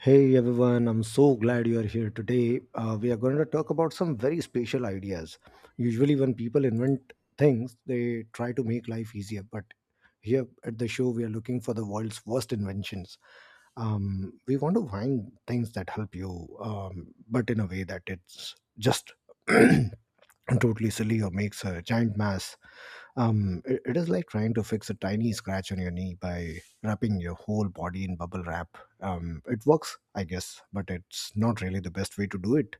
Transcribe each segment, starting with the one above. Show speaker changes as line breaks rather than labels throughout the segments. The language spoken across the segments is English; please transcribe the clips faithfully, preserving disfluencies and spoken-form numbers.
Hey everyone, I'm so glad you are here today. Uh, we are going to talk about some very special ideas. Usually, when people invent things, they try to make life easier. But here at the show, we are looking for the world's worst inventions. Um, we want to find things that help you, um, but in a way that it's just totally silly or makes a giant mess. Um, it it is like trying to fix a tiny scratch on your knee by wrapping your whole body in bubble wrap. Um, it works, I guess, but it's not really the best way to do it.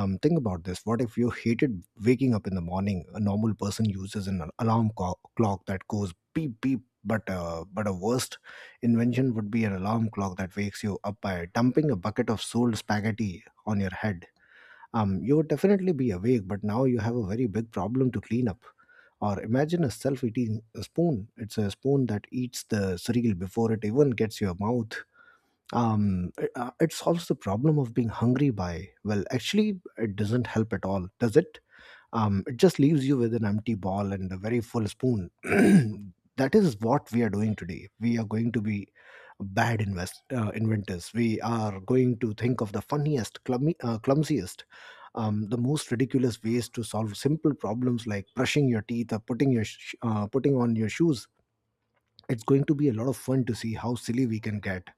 um, Think about this. What if you hated waking up in the morning? A normal person uses an alarm co- clock that goes beep beep, but uh, but a worst invention would be an alarm clock that wakes you up by dumping a bucket of sold spaghetti on your head. Um, you would definitely be awake, but now you have a very big problem to clean up. Or imagine a self-eating spoon. It's a spoon that eats the cereal before it even gets your mouth. Um it, uh, it solves the problem of being hungry by, well, actually it doesn't help at all, does it? Um it just leaves you with an empty ball and a very full spoon. That is what we are doing today. We are going to be bad invest uh, inventors. We are going to think of the funniest clummy, uh, clumsiest, um, the most ridiculous ways to solve simple problems like brushing your teeth or putting your sh- uh, putting on your shoes. It's going to be a lot of fun to see how silly we can get.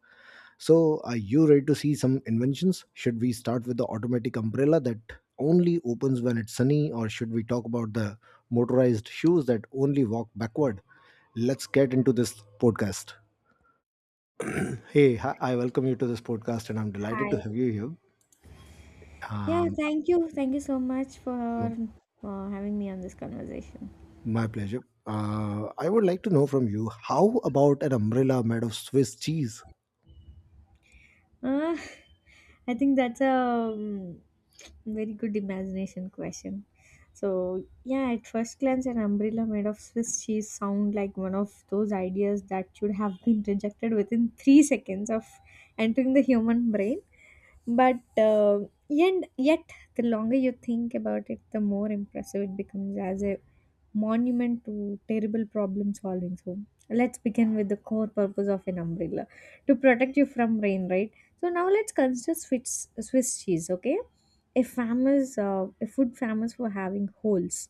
So, are you ready to see some inventions? Should we start with the automatic umbrella that only opens when it's sunny, or should we talk about the motorized shoes that only walk backward? Let's get into this podcast. Hey, hi, I welcome you to this podcast, and I'm delighted to
Hi.
have you here.
Yeah,
Um,
thank you. Thank you so much
m-
for uh, having me on this conversation.
my pleasure. Uh, I would like to know from you, how about an umbrella made of Swiss cheese?
Uh, I think that's a um, very good imagination question. So, yeah, at first glance, an umbrella made of Swiss cheese sound like one of those ideas that should have been rejected within three seconds of entering the human brain. But uh, yet, yet, the longer you think about it, the more impressive it becomes as a monument to terrible problem solving. So let's begin with the core purpose of an umbrella to protect you from rain, right? So now let's consider Swiss, Swiss cheese, okay? A famous, uh, a food famous for having holes.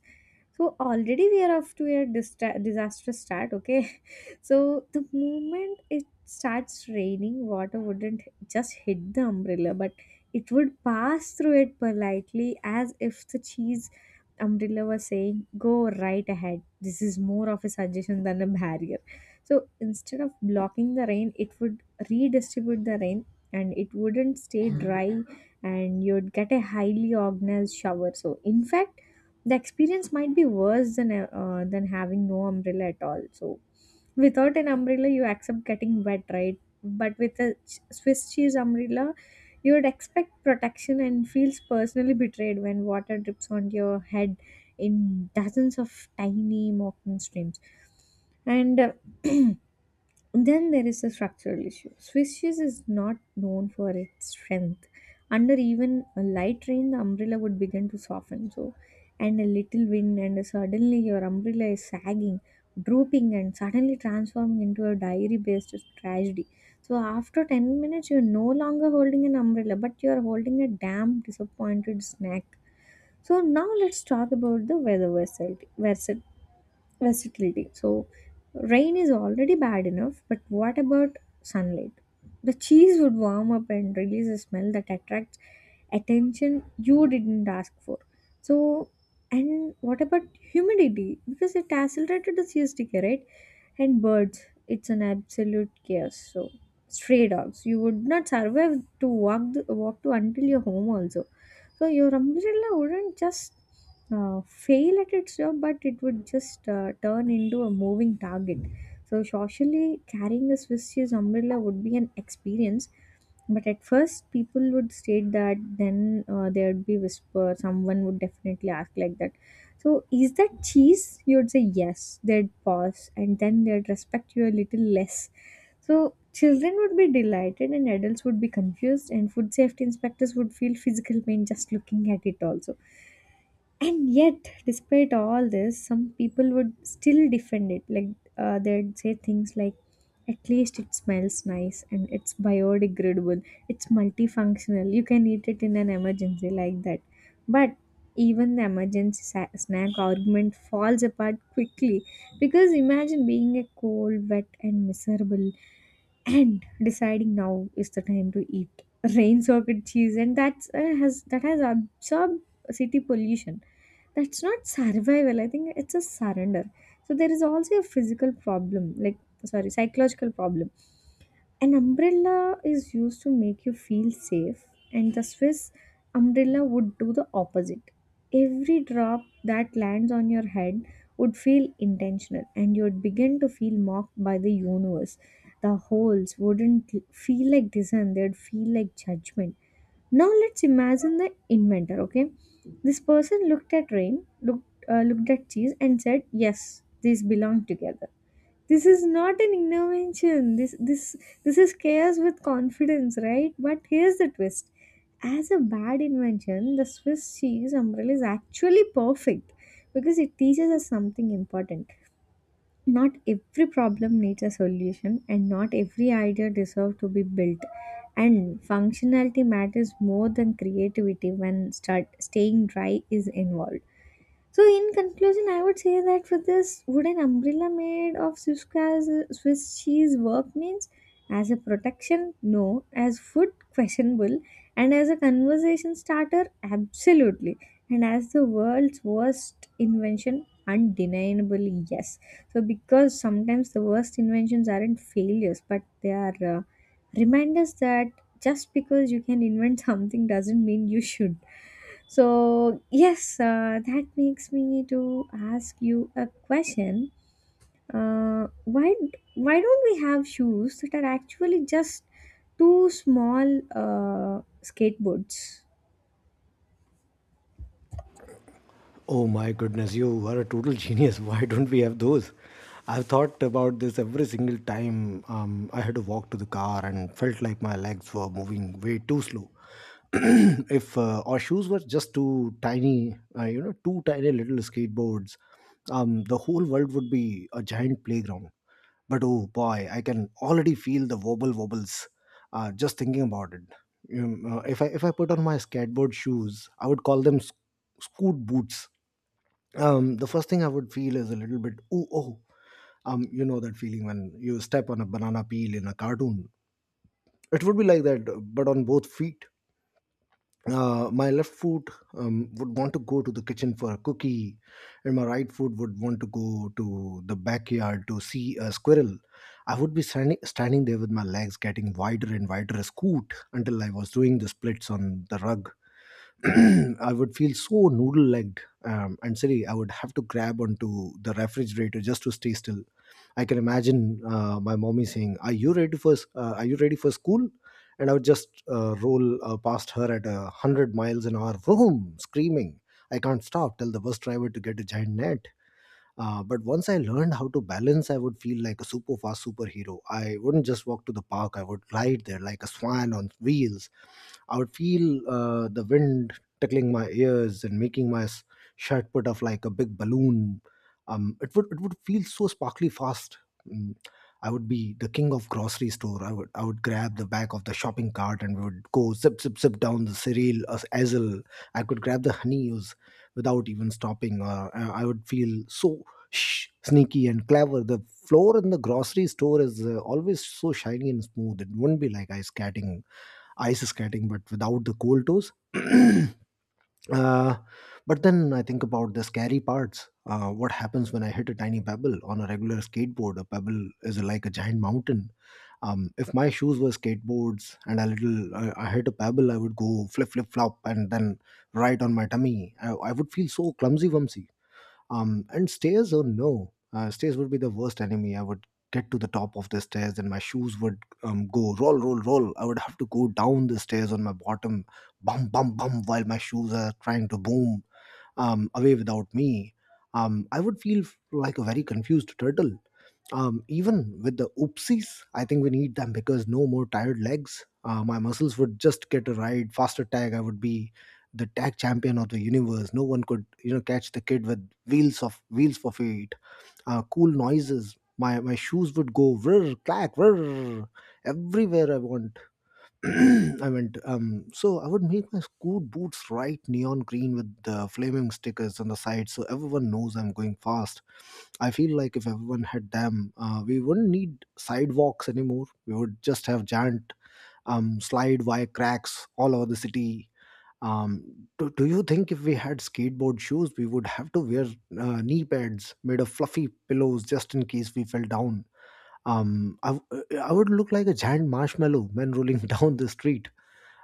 So already we are off to a distra- disastrous start, okay? So the moment it starts raining, water wouldn't just hit the umbrella, but it would pass through it politely as if the cheese umbrella was saying, "Go right ahead. This is more of a suggestion than a barrier." So instead of blocking the rain, it would redistribute the rain, and it wouldn't stay dry, and you'd get a highly organized shower. So, in fact, the experience might be worse than uh, than having no umbrella at all. So, without an umbrella, you accept getting wet, right? But with a ch- Swiss cheese umbrella, you would expect protection and feels personally betrayed when water drips on your head in dozens of tiny mocking streams. And uh, then there is a structural issue. Swiss cheese is not known for its strength. Under even a light rain, the umbrella would begin to soften. So, and a little wind, and suddenly your umbrella is sagging, drooping, and suddenly transforming into a diary-based tragedy. So, after ten minutes, you're no longer holding an umbrella, but you're holding a damn disappointed snack. So now let's talk about the weather versatility versatility. So rain is already bad enough, but what about sunlight? The cheese would warm up and release a smell that attracts attention you didn't ask for. So, and what about humidity? Because it accelerated the C S decay, right? And birds, it's an absolute chaos. So stray dogs, you would not survive to walk the, walk to until your home also, so your umbrella wouldn't just uh, fail at its job, but it would just uh, turn into a moving target. So socially, carrying a Swiss cheese umbrella would be an experience, but at first, people would state that, then uh, there'd be whisper. Someone would definitely ask like that. So, is that cheese? You'd say yes. They'd pause, and then they'd respect you a little less. So, children would be delighted, and adults would be confused, and food safety inspectors would feel physical pain just looking at it. Also, and yet despite all this, some people would still defend it like, uh, they'd say things like, at least it smells nice and it's biodegradable, it's multifunctional, you can eat it in an emergency like that, but even the emergency sa- snack argument falls apart quickly, because imagine being a cold wet and miserable and deciding now is the time to eat rain socket cheese and that's uh, has that has absorbed city pollution. That's not survival, I think it's a surrender. So there is also a physical problem, like, sorry, psychological problem. An umbrella is used to make you feel safe, and the Swiss umbrella would do the opposite. Every drop that lands on your head would feel intentional, and you would begin to feel mocked by the universe. The holes wouldn't feel like design, they'd feel like judgment. Now let's imagine the inventor, okay? This person looked at rain, looked uh, looked at cheese and said, "Yes, these belong together." This is not an invention. This this this is chaos with confidence, right? But here's the twist. As a bad invention, the Swiss cheese umbrella is actually perfect because it teaches us something important. Not every problem needs a solution, and not every idea deserves to be built. And functionality matters more than creativity when start staying dry is involved. So, in conclusion, I would say that for this wooden umbrella made of Swiss, cas- Swiss cheese work means, as a protection, no, as food, questionable, and as a conversation starter, absolutely, and as the world's worst invention, undeniably, yes. So, because sometimes the worst inventions aren't failures, but they are uh, reminders that just because you can invent something doesn't mean you should. So, yes, uh, that makes me to ask you a question. Uh, why why don't we have shoes that are actually just two small uh, skateboards?
Oh my goodness, you are a total genius. Why don't we have those? I've thought about this every single time um, I had to walk to the car and felt like my legs were moving way too slow. if uh, our shoes were just two tiny, uh, you know, two tiny little skateboards, um, the whole world would be a giant playground. But oh boy, I can already feel the wobble wobbles, uh, just thinking about it. Um, uh, if I if I put on my skateboard shoes, I would call them sc- scoot boots. Um, the first thing I would feel is a little bit, ooh, oh, um, you know that feeling when you step on a banana peel in a cartoon. It would be like that, but on both feet. Uh, my left foot um, would want to go to the kitchen for a cookie, and my right foot would want to go to the backyard to see a squirrel. I would be standing, standing there with my legs getting wider and wider as scoot until I was doing the splits on the rug. I would feel so noodle-legged um, and silly. I would have to grab onto the refrigerator just to stay still. I can imagine uh, my mommy saying, "Are you ready for s- uh, Are you ready for school?" And I would just uh, roll uh, past her at a hundred miles an hour, vroom, screaming. I can't stop. Tell the bus driver to get a giant net. Uh, but once I learned how to balance, I would feel like a super fast superhero. I wouldn't just walk to the park, I would ride there like a swan on wheels. I would feel uh, the wind tickling my ears and making my s- shirt put off like a big balloon. Um, it would it would feel so sparkly fast. Mm, I would be the king of grocery store. I would I would grab the back of the shopping cart, and we would go zip zip zip down the cereal as aisle. I could grab the honeydews without even stopping. Uh, I I would feel so, shh, sneaky and clever. The floor in the grocery store is uh, always so shiny and smooth. It wouldn't be like ice skating, ice skating, but without the cold toes. uh, but then I think about the scary parts. Uh, what happens when I hit a tiny pebble on a regular skateboard? A pebble is like a giant mountain. Um, if my shoes were skateboards and a little, uh, I hit a pebble, I would go flip, flip, flop, and then right on my tummy. I, I would feel so clumsy, wumsy. Um and stairs, oh no, uh, stairs would be the worst enemy. I would get to the top of the stairs, and my shoes would um, go roll roll roll. I would have to go down the stairs on my bottom, bum bum bum, while my shoes are trying to boom um, away without me. Um, i would feel f- like a very confused turtle. Um, even with the oopsies, I think we need them, because no more tired legs. Uh, my muscles would just get a ride. Faster tag, I would be the tag champion of the universe. No one could, you know, catch the kid with wheels of wheels for feet. Uh, cool noises. My my shoes would go whir clack whir everywhere I want. I went, um, so I would make my school boots bright neon green with the flaming stickers on the side so everyone knows I'm going fast. I feel like if everyone had them, uh, we wouldn't need sidewalks anymore. We would just have giant um, slide wire cracks all over the city. Um, do, do you think if we had skateboard shoes, we would have to wear uh, knee pads made of fluffy pillows just in case we fell down? Um, I, w- I would look like a giant marshmallow man rolling down the street.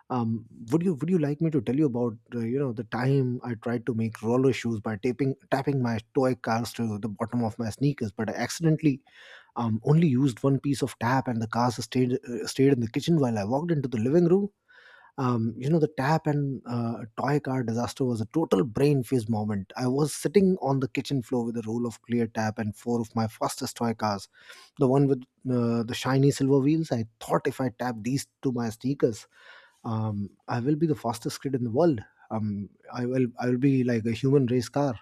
um, would you would you like me to tell you about uh, you know the time I tried to make roller shoes by taping tapping my toy cars to the bottom of my sneakers, but I accidentally um, only used one piece of tap, and the cars stayed uh, stayed in the kitchen while I walked into the living room. Um, you know, the tap and uh, toy car disaster was a total brain phase moment. I was sitting on the kitchen floor with a roll of clear tap and four of my fastest toy cars, the one with uh, the shiny silver wheels. I thought if I tapped these to my sneakers, um, I will be the fastest kid in the world. Um, I will I will be like a human race car.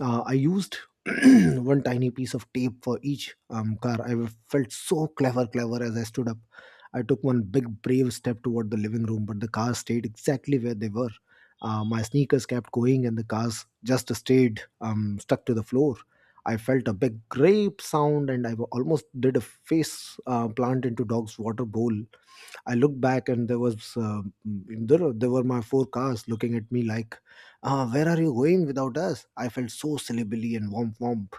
Uh, I used one tiny piece of tape for each um, car. I felt so clever, clever as I stood up. I took one big brave step toward the living room, but the cars stayed exactly where they were. Uh, my sneakers kept going, and the cars just stayed, um, stuck to the floor. I felt a big grape sound, and I almost did a face uh, plant into dog's water bowl. I looked back, and there was uh, there, there were my four cars looking at me like, uh, "Where are you going without us?" I felt so silly, Billy, and womp womp.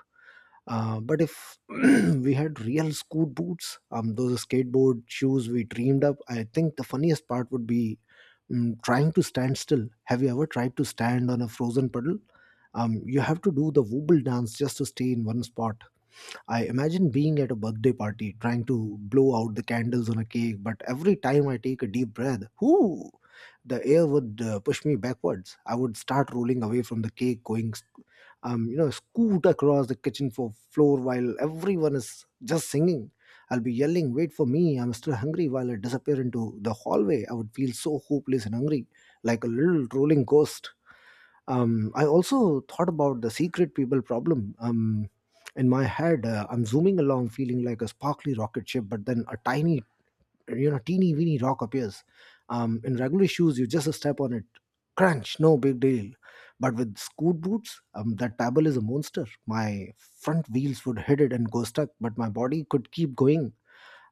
Uh, but if we had real scoot boots, um, those skateboard shoes we dreamed up, I think the funniest part would be um, trying to stand still. Have you ever tried to stand on a frozen puddle? Um, you have to do the wobble dance just to stay in one spot. I imagine being at a birthday party trying to blow out the candles on a cake, but every time I take a deep breath, whoo, the air would uh, push me backwards. I would start rolling away from the cake, going, sc- um, you know, scoot across the kitchen fo- floor while everyone is just singing. I'll be yelling, wait for me, I'm still hungry, while I disappear into the hallway. I would feel so hopeless and hungry, like a little rolling ghost. um, I also thought about the secret people problem. Um, in my head, uh, I'm zooming along, feeling like a sparkly rocket ship, but then a tiny, you know, teeny weeny rock appears. Um, in regular shoes, you just step on it. Crunch, no big deal. But with scoot boots, um, that pebble is a monster. My front wheels would hit it and go stuck, but my body could keep going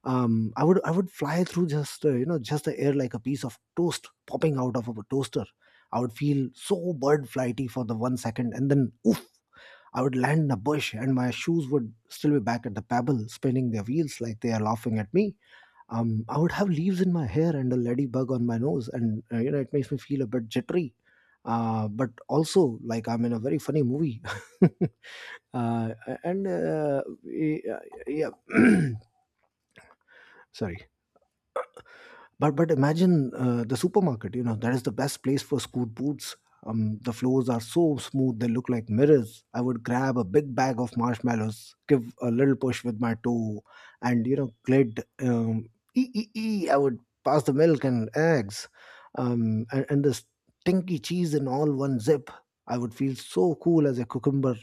um, I would I would fly through just uh, you know just the air like a piece of toast popping out of a toaster. I would feel so bird flighty for the one second, and then oof, I would land in a bush, and my shoes would still be back at the pebble, spinning their wheels like they are laughing at me. Um, I would have leaves in my hair and a ladybug on my nose, and uh, you know it makes me feel a bit jittery. Uh, but also, like I'm in a very funny movie. uh, and uh, Yeah, yeah. Sorry. But but imagine uh, the supermarket. You know that is the best place for school boots. Um, the floors are so smooth; they look like mirrors. I would grab a big bag of marshmallows, give a little push with my toe, and, you know, glid. Um, ee, ee, ee, I would pass the milk and eggs, um, and, and the stinky cheese in all one zip. I would feel so cool as a cucumber,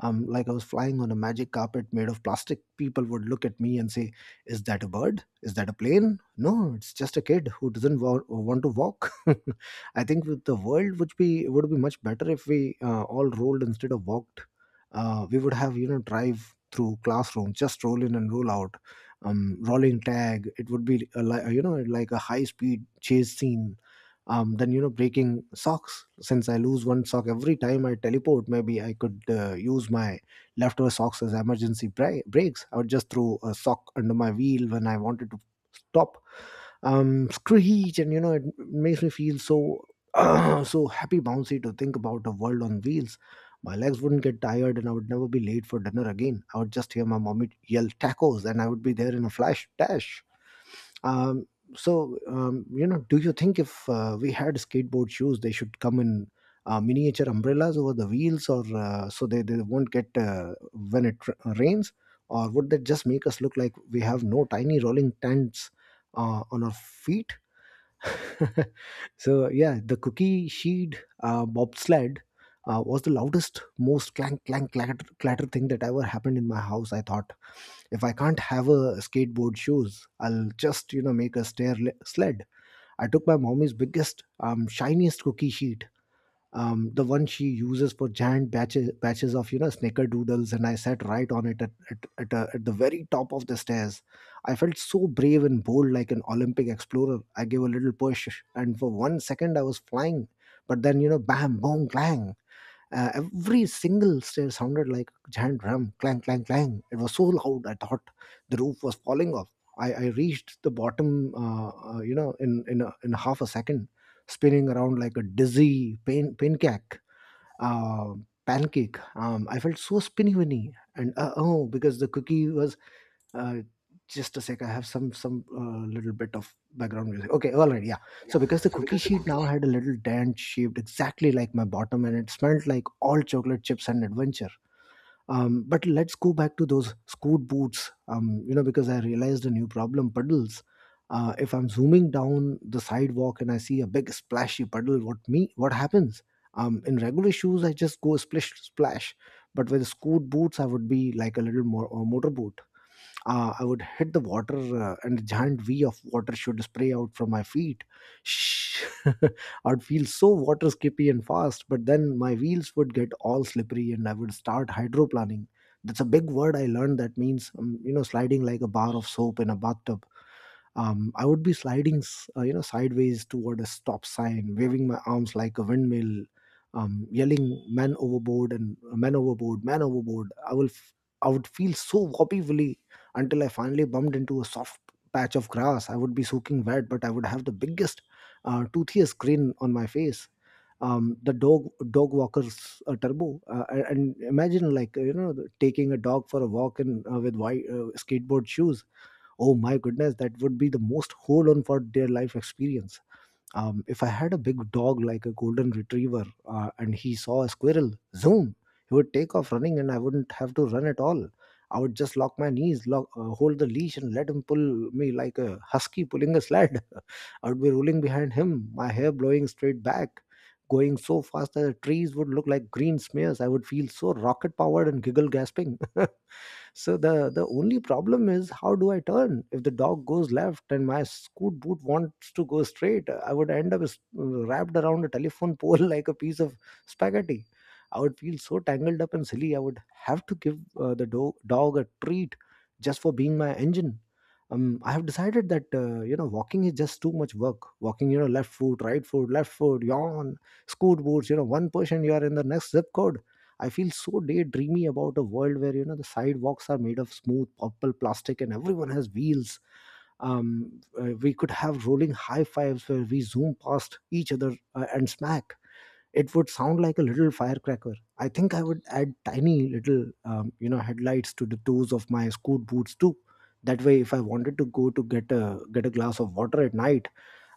um, like I was flying on a magic carpet made of plastic. People would look at me and say, "Is that a bird? Is that a plane?" No, it's just a kid who doesn't wa- want to walk. I think with the world would be would be much better if we uh, all rolled instead of walked. Uh, we would have, you know, drive through classroom, just roll in and roll out. Um, rolling tag, it would be a, li- you know like a high speed chase scene. Um, then, you know, breaking socks, since I lose one sock every time I teleport. Maybe I could uh, use my leftover socks as emergency bra- brakes. I would just throw a sock under my wheel when I wanted to stop. Um, screech, and, you know, it makes me feel so uh, so happy bouncy to think about a world on wheels. My legs wouldn't get tired, and I would never be late for dinner again. I would just hear my mommy yell tacos, and I would be there in a flash dash. Um, so, um, you know, do you think if uh, we had skateboard shoes, they should come in uh, miniature umbrellas over the wheels, or uh, so they, they won't get uh, when it r- rains, or would that just make us look like we have no tiny rolling tents uh, on our feet? So, yeah, the cookie sheet uh, bobsled Uh, was the loudest, most clank, clank, clatter, clatter thing that ever happened in my house. I thought if I can't have a skateboard shoes, I'll just, you know, make a stair le- sled. I took my mommy's biggest, um shiniest cookie sheet, um, the one she uses for giant batches batches of, you know, snickerdoodles, and I sat right on it at, at, at, uh, at the very top of the stairs. I felt so brave and bold like an Olympic explorer. I gave a little push, and for one second I was flying, but then, you know, bam, boom, clang. Uh, every single stair sounded like a giant drum, clang, clang, clang. It was so loud, I thought the roof was falling off. I, I reached the bottom, uh, uh, you know, in in, a, in half a second, spinning around like a dizzy pain pancake. Uh, Pancake. Um, I felt so spinny winny, and uh oh, because the cookie was uh, just a sec. I have some some uh, little bit of background music. Okay, all right, yeah. So because the cookie sheet now had a little dent shaped exactly like my bottom, and it smelled like all chocolate chips and adventure. Um, but let's go back to those scoot boots. Um, you know, because I realized a new problem: puddles. Uh, if I'm zooming down the sidewalk and I see a big splashy puddle, what me? What happens? Um, in regular shoes, I just go splish splash, but with scoot boots, I would be like a little more or motor boot. Uh, I would hit the water, uh, and a giant V of water should spray out from my feet. Shh. I'd feel so water skippy and fast, but then my wheels would get all slippery, and I would start hydroplaning. That's a big word I learned that means, um, you know, sliding like a bar of soap in a bathtub. Um, I would be sliding, s- uh, you know, sideways toward a stop sign, waving my arms like a windmill, um, yelling "man overboard" and uh, "man overboard, man overboard." I will, f- I would feel so wobbly willy until I finally bumped into a soft patch of grass. I would be soaking wet, but I would have the biggest, uh, toothiest grin on my face. Um, the dog dog walkers uh, turbo uh, and imagine like, uh, you know, taking a dog for a walk in uh, with white uh, skateboard shoes. Oh my goodness, that would be the most hold on for their life experience. Um, if I had a big dog like a golden retriever uh, and he saw a squirrel, zoom, he would take off running and I wouldn't have to run at all. I would just lock my knees, lock, uh, hold the leash, and let him pull me like a husky pulling a sled. I would be rolling behind him, my hair blowing straight back, going so fast that the trees would look like green smears. I would feel so rocket powered and giggle gasping. So the the only problem is how do I turn? If the dog goes left and my scoot boot wants to go straight, I would end up s- wrapped around a telephone pole like a piece of spaghetti. I would feel so tangled up and silly. I would have to give uh, the do- dog a treat just for being my engine. Um, I have decided that, uh, you know, walking is just too much work. Walking, you know, left foot, right foot, left foot, yawn. Scoot boots, you know, one person you are in the next zip code. I feel so daydreamy about a world where, you know, the sidewalks are made of smooth purple plastic and everyone has wheels. Um, uh, we could have rolling high fives where we zoom past each other uh, and smack. It would sound like a little firecracker. I think I would add tiny little, um, you know, headlights to the toes of my scoot boots too. That way, if I wanted to go to get a get a glass of water at night,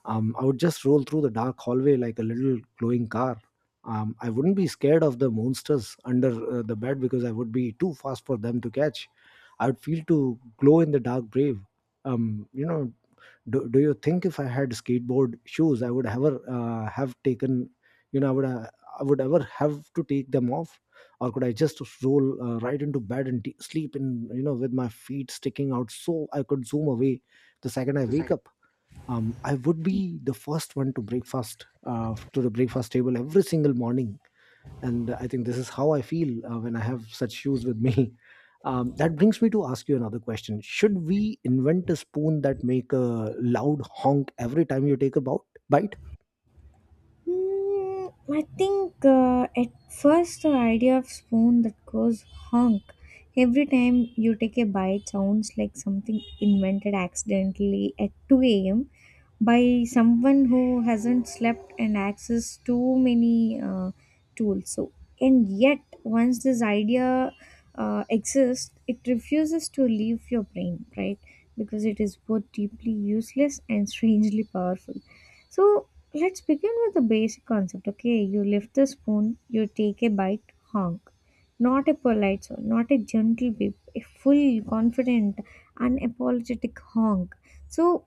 um, I would just roll through the dark hallway like a little glowing car. Um, I wouldn't be scared of the monsters under uh, the bed because I would be too fast for them to catch. I would feel to glow in the dark brave. Um, you know, do, do you think if I had skateboard shoes, I would ever uh, have taken, you know, I would uh, I would ever have to take them off, or could I just roll uh, right into bed and t- sleep in, you know, with my feet sticking out so I could zoom away the second I wake up? Um, I would be the first one to breakfast uh, to the breakfast table every single morning, and I think this is how I feel uh, when I have such shoes with me. Um, that brings me to ask you another question: Should we invent a spoon that make a loud honk every time you take a bout? Bite?
Mm, I think uh, at first the idea of spoon that goes honk every time you take a bite sounds like something invented accidentally at two a m by someone who hasn't slept and access too many uh, tools. So, and yet once this idea uh, exists, it refuses to leave your brain, right? Because it is both deeply useless and strangely powerful. So let's begin with the basic concept, okay? You lift the spoon, you take a bite, honk. Not a polite soul, not a gentle beep, a full, confident, unapologetic honk. So,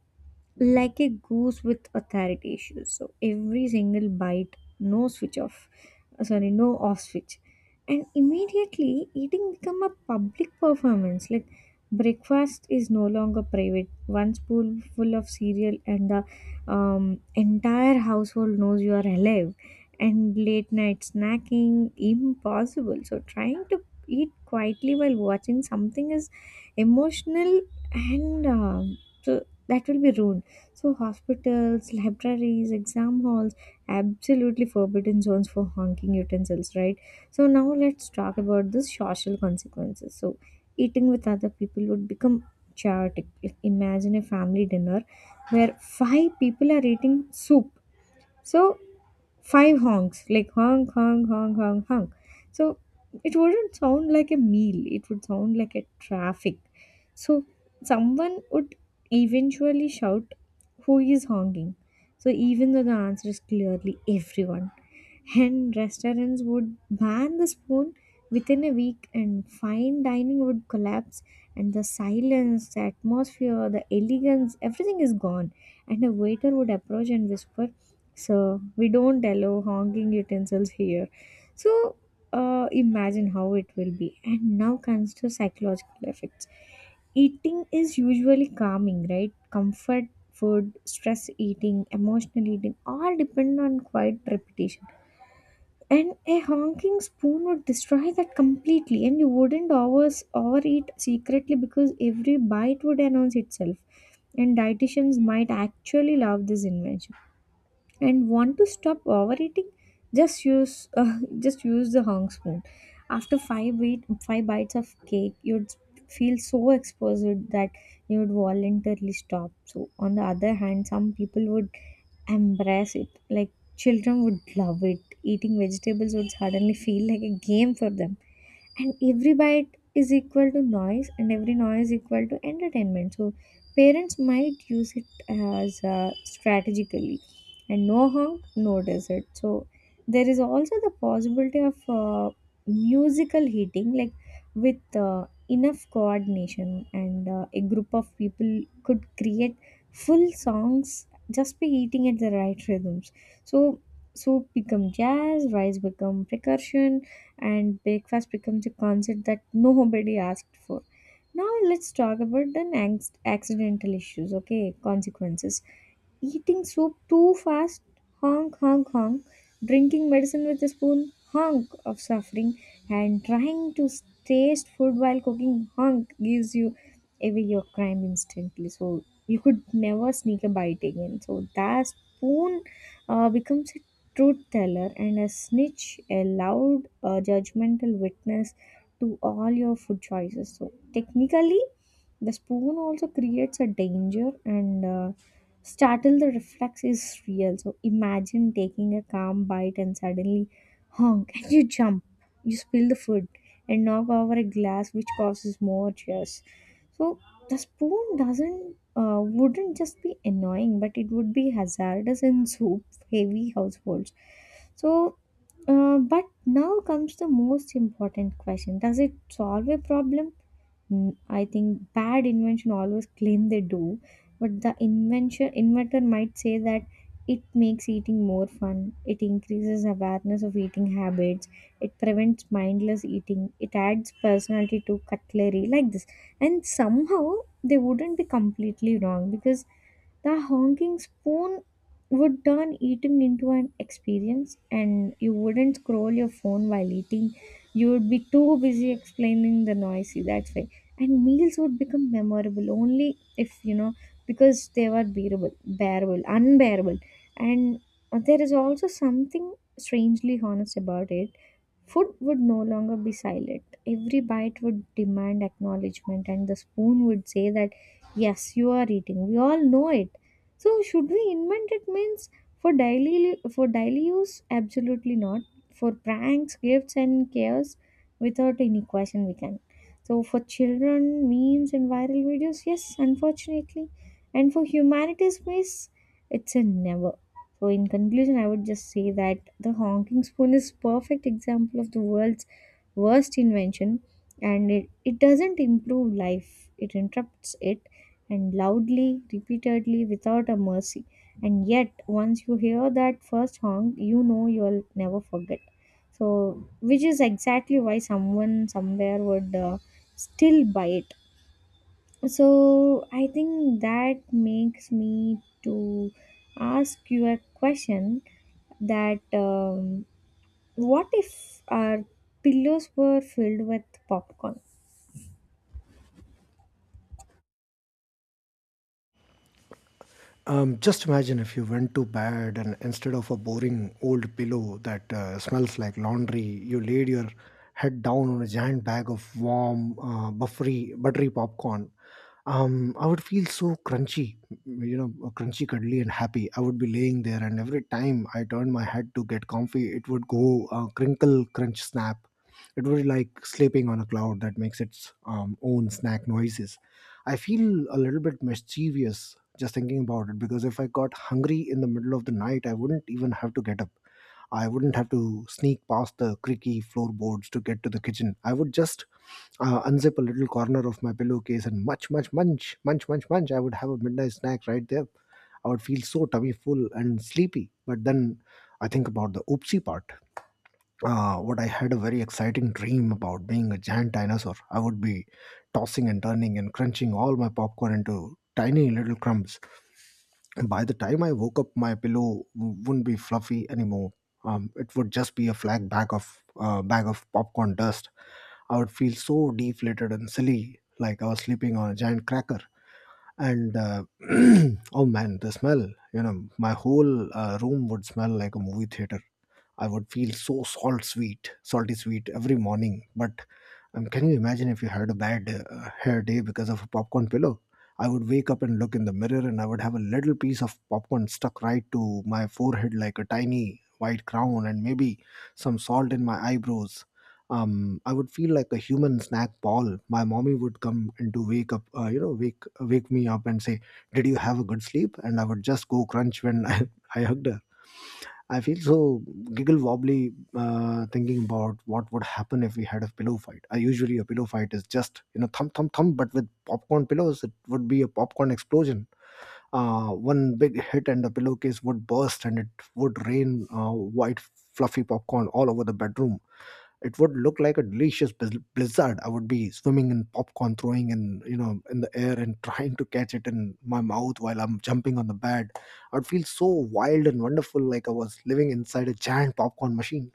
like a goose with authority issues. So every single bite, no switch off, uh, sorry, no off switch, and immediately eating become a public performance. Like, breakfast is no longer private. One spoonful of cereal and the um, entire household knows you are alive. And late night snacking impossible. So trying to eat quietly while watching something is emotional, and um so that will be ruined. So hospitals, libraries, exam halls, absolutely forbidden zones for honking utensils, right? So now let's talk about the social consequences. So eating with other people would become chaotic. If- Imagine a family dinner where five people are eating soup. So five honks, like, honk honk honk honk honk. So it wouldn't sound like a meal, it would sound like a traffic. So someone would eventually shout, who is honking? So even though the answer is clearly everyone. And restaurants would ban the spoon within a week, and fine dining would collapse, and the silence, the atmosphere, the elegance, everything is gone. And a waiter would approach and whisper, so we don't allow honking utensils here. So uh, imagine how it will be. And now comes to psychological effects. Eating is usually calming, right? Comfort food, stress eating, emotional eating all depend on quiet repetition. And a honking spoon would destroy that completely, and you wouldn't overs overeat secretly because every bite would announce itself. And dietitians might actually love this invention and want to stop overeating. Just use uh, just use the hung spoon. After five bite, five bites of cake, you'd feel so exposed that you would voluntarily stop. So on the other hand, some people would embrace it. Like, children would love it, eating vegetables would suddenly feel like a game for them, and every bite is equal to noise and every noise equal to entertainment. So parents might use it as uh, strategically, and no honk, no desert. So there is also the possibility of uh, musical heating, like with uh, enough coordination and uh, a group of people could create full songs just by eating at the right rhythms. So soup become jazz, rice become percussion, and breakfast becomes a concept that nobody asked for. Now let's talk about the next accidental issues, okay? Consequences. Eating soup too fast, honk, honk, honk. Drinking medicine with a spoon, honk of suffering. And trying to taste food while cooking, honk gives you away your crime instantly. So you could never sneak a bite again. So that spoon uh, becomes a truth teller and a snitch, a loud, uh, judgmental witness to all your food choices. So technically, the spoon also creates a danger, and uh, startle the reflex is real. So imagine taking a calm bite and suddenly honk and you jump. You spill the food and knock over a glass which causes more tears. So the spoon doesn't uh, wouldn't just be annoying, but it would be hazardous in soup heavy households. So uh, but now comes the most important question. Does it solve a problem? Mm, I think bad invention always claim they do, but the invention inventor might say that it makes eating more fun, it increases awareness of eating habits, it prevents mindless eating, it adds personality to cutlery like this. And somehow they wouldn't be completely wrong, because the honking spoon would turn eating into an experience, and you wouldn't scroll your phone while eating, you would be too busy explaining the noisy, that's why. And meals would become memorable only if, you know, because they were bearable, bearable unbearable. And there is also something strangely honest about it. Food would no longer be silent. Every bite would demand acknowledgement, and the spoon would say that, yes, you are eating, we all know it. So, should we invent it means for daily for daily use? Absolutely not. For pranks, gifts, and chaos, without any question, we can. So, for children, memes and viral videos, yes, unfortunately, and for humanity's space, it's a never. So in conclusion, I would just say that the honking spoon is perfect example of the world's worst invention, and it, it doesn't improve life. It interrupts it, and loudly, repeatedly, without a mercy. And yet once you hear that first honk, you know you'll never forget. So which is exactly why someone somewhere would uh, still buy it. So I think that makes me to ask you a question that, um, what if our pillows were filled with popcorn?
Um, just imagine if you went to bed and instead of a boring old pillow that uh, smells like laundry, you laid your head down on a giant bag of warm, uh, buffery, buttery popcorn. Um, I would feel so crunchy, you know, uh, crunchy, cuddly, and happy. I would be laying there, and every time I turned my head to get comfy, it would go, uh, crinkle, crunch, snap. It would be like sleeping on a cloud that makes its um, own snack noises. I feel a little bit mischievous just thinking about it because if I got hungry in the middle of the night, I wouldn't even have to get up. I wouldn't have to sneak past the creaky floorboards to get to the kitchen. I would just uh, unzip a little corner of my pillowcase and munch, munch, munch, munch, munch, munch. I would have a midnight snack right there. I would feel so tummy full and sleepy. But then I think about the oopsie part. Uh, what I had a very exciting dream about being a giant dinosaur. I would be tossing and turning and crunching all my popcorn into tiny little crumbs. And by the time I woke up, my pillow w- wouldn't be fluffy anymore. Um, it would just be a flat bag of uh, bag of popcorn dust. I would feel so deflated and silly, like I was sleeping on a giant cracker. And uh, Oh man, the smell! You know, my whole uh, room would smell like a movie theater. I would feel so salt sweet, salty sweet every morning. But um, can you imagine if you had a bad uh, hair day because of a popcorn pillow? I would wake up and look in the mirror, and I would have a little piece of popcorn stuck right to my forehead like a tiny white crown, and maybe some salt in my eyebrows. Um, I would feel like a human snack ball. My mommy would come and to wake up, uh, you know, wake wake me up and say, "Did you have a good sleep?" And I would just go crunch when I, I hugged her. I feel so giggle wobbly uh, thinking about what would happen if we had a pillow fight. I usually a pillow fight is just you know thump thump thump, but with popcorn pillows, it would be a popcorn explosion. Uh, one big hit and the pillowcase would burst, and it would rain uh, white fluffy popcorn all over the bedroom. It would look like a delicious blizz- blizzard. I would be swimming in popcorn, throwing in you know in the air and trying to catch it in my mouth while I'm jumping on the bed. I'd feel so wild and wonderful, like I was living inside a giant popcorn machine.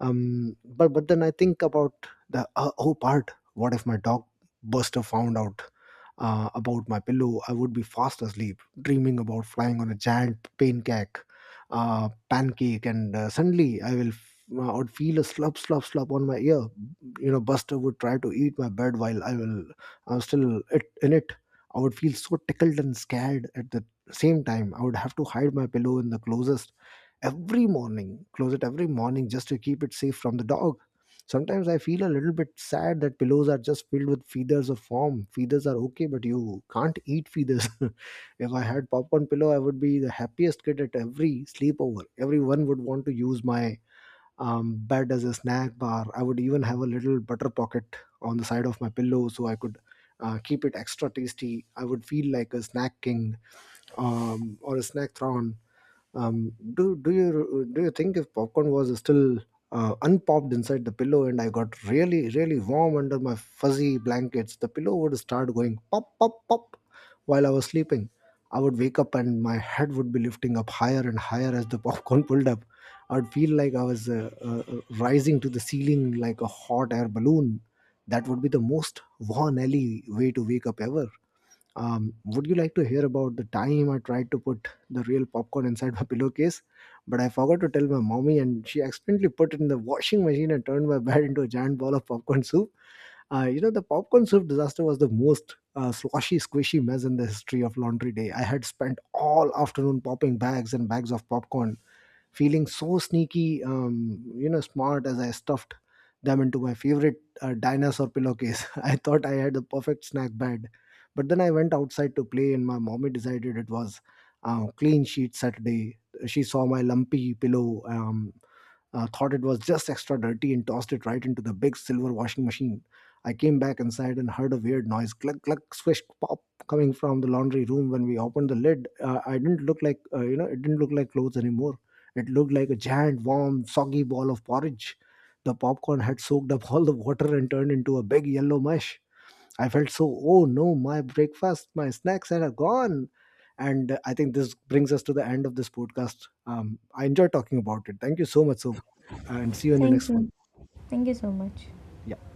Um but but then I think about the uh, oh part. What if my dog Buster found out uh, about my pillow? I would be fast asleep, dreaming about flying on a giant pancake, uh, pancake, and uh, suddenly I will. f- I would feel a slap, slap, slap on my ear. You know, Buster would try to eat my bed while I will, I'm still it, in it. I would feel so tickled and scared at the same time. I would have to hide my pillow in the closest every morning, close it every morning just to keep it safe from the dog. Sometimes I feel a little bit sad that pillows are just filled with feathers or foam. Feathers are okay, but you can't eat feathers. If I had popcorn pillow, I would be the happiest kid at every sleepover. Everyone would want to use my um, bed as a snack bar. I would even have a little butter pocket on the side of my pillow so I could uh, keep it extra tasty. I would feel like a snack king, um, or a snack thron. Um, do do you do you think if popcorn was still uh, unpopped inside the pillow and I got really really warm under my fuzzy blankets, the pillow would start going pop pop pop while I was sleeping. I would wake up and my head would be lifting up higher and higher as the popcorn pulled up. I'd feel like I was uh, uh, uh, rising to the ceiling like a hot air balloon. That would be the most Von Ellie way to wake up ever. Um, would you like to hear about the time I tried to put the real popcorn inside my pillowcase, but I forgot to tell my mommy, and she accidentally put it in the washing machine and turned my bed into a giant ball of popcorn soup? Uh, you know, the popcorn soup disaster was the most uh, sloshy, squishy mess in the history of laundry day. I had spent all afternoon popping bags and bags of popcorn, feeling so sneaky, um, you know, smart as I stuffed them into my favorite uh, dinosaur pillowcase. I thought I had the perfect snack bed, but then I went outside to play, and my mommy decided it was uh, clean sheet Saturday. She saw my lumpy pillow, um, uh, thought it was just extra dirty, and tossed it right into the big silver washing machine. I came back inside and heard a weird noise, cluck, cluck, swish, pop, coming from the laundry room. When we opened the lid, uh, I didn't look like, uh, you know, it didn't look like clothes anymore. It looked like a giant, warm, soggy ball of porridge. The popcorn had soaked up all the water and turned into a big yellow mush. I felt so, oh no, my breakfast, my snacks are gone. And uh, I think this brings us to the end of this podcast. Um, I enjoy talking about it. Thank you so much. So, and see you in the
Thank
next one.
you. Thank you so much.
Yeah.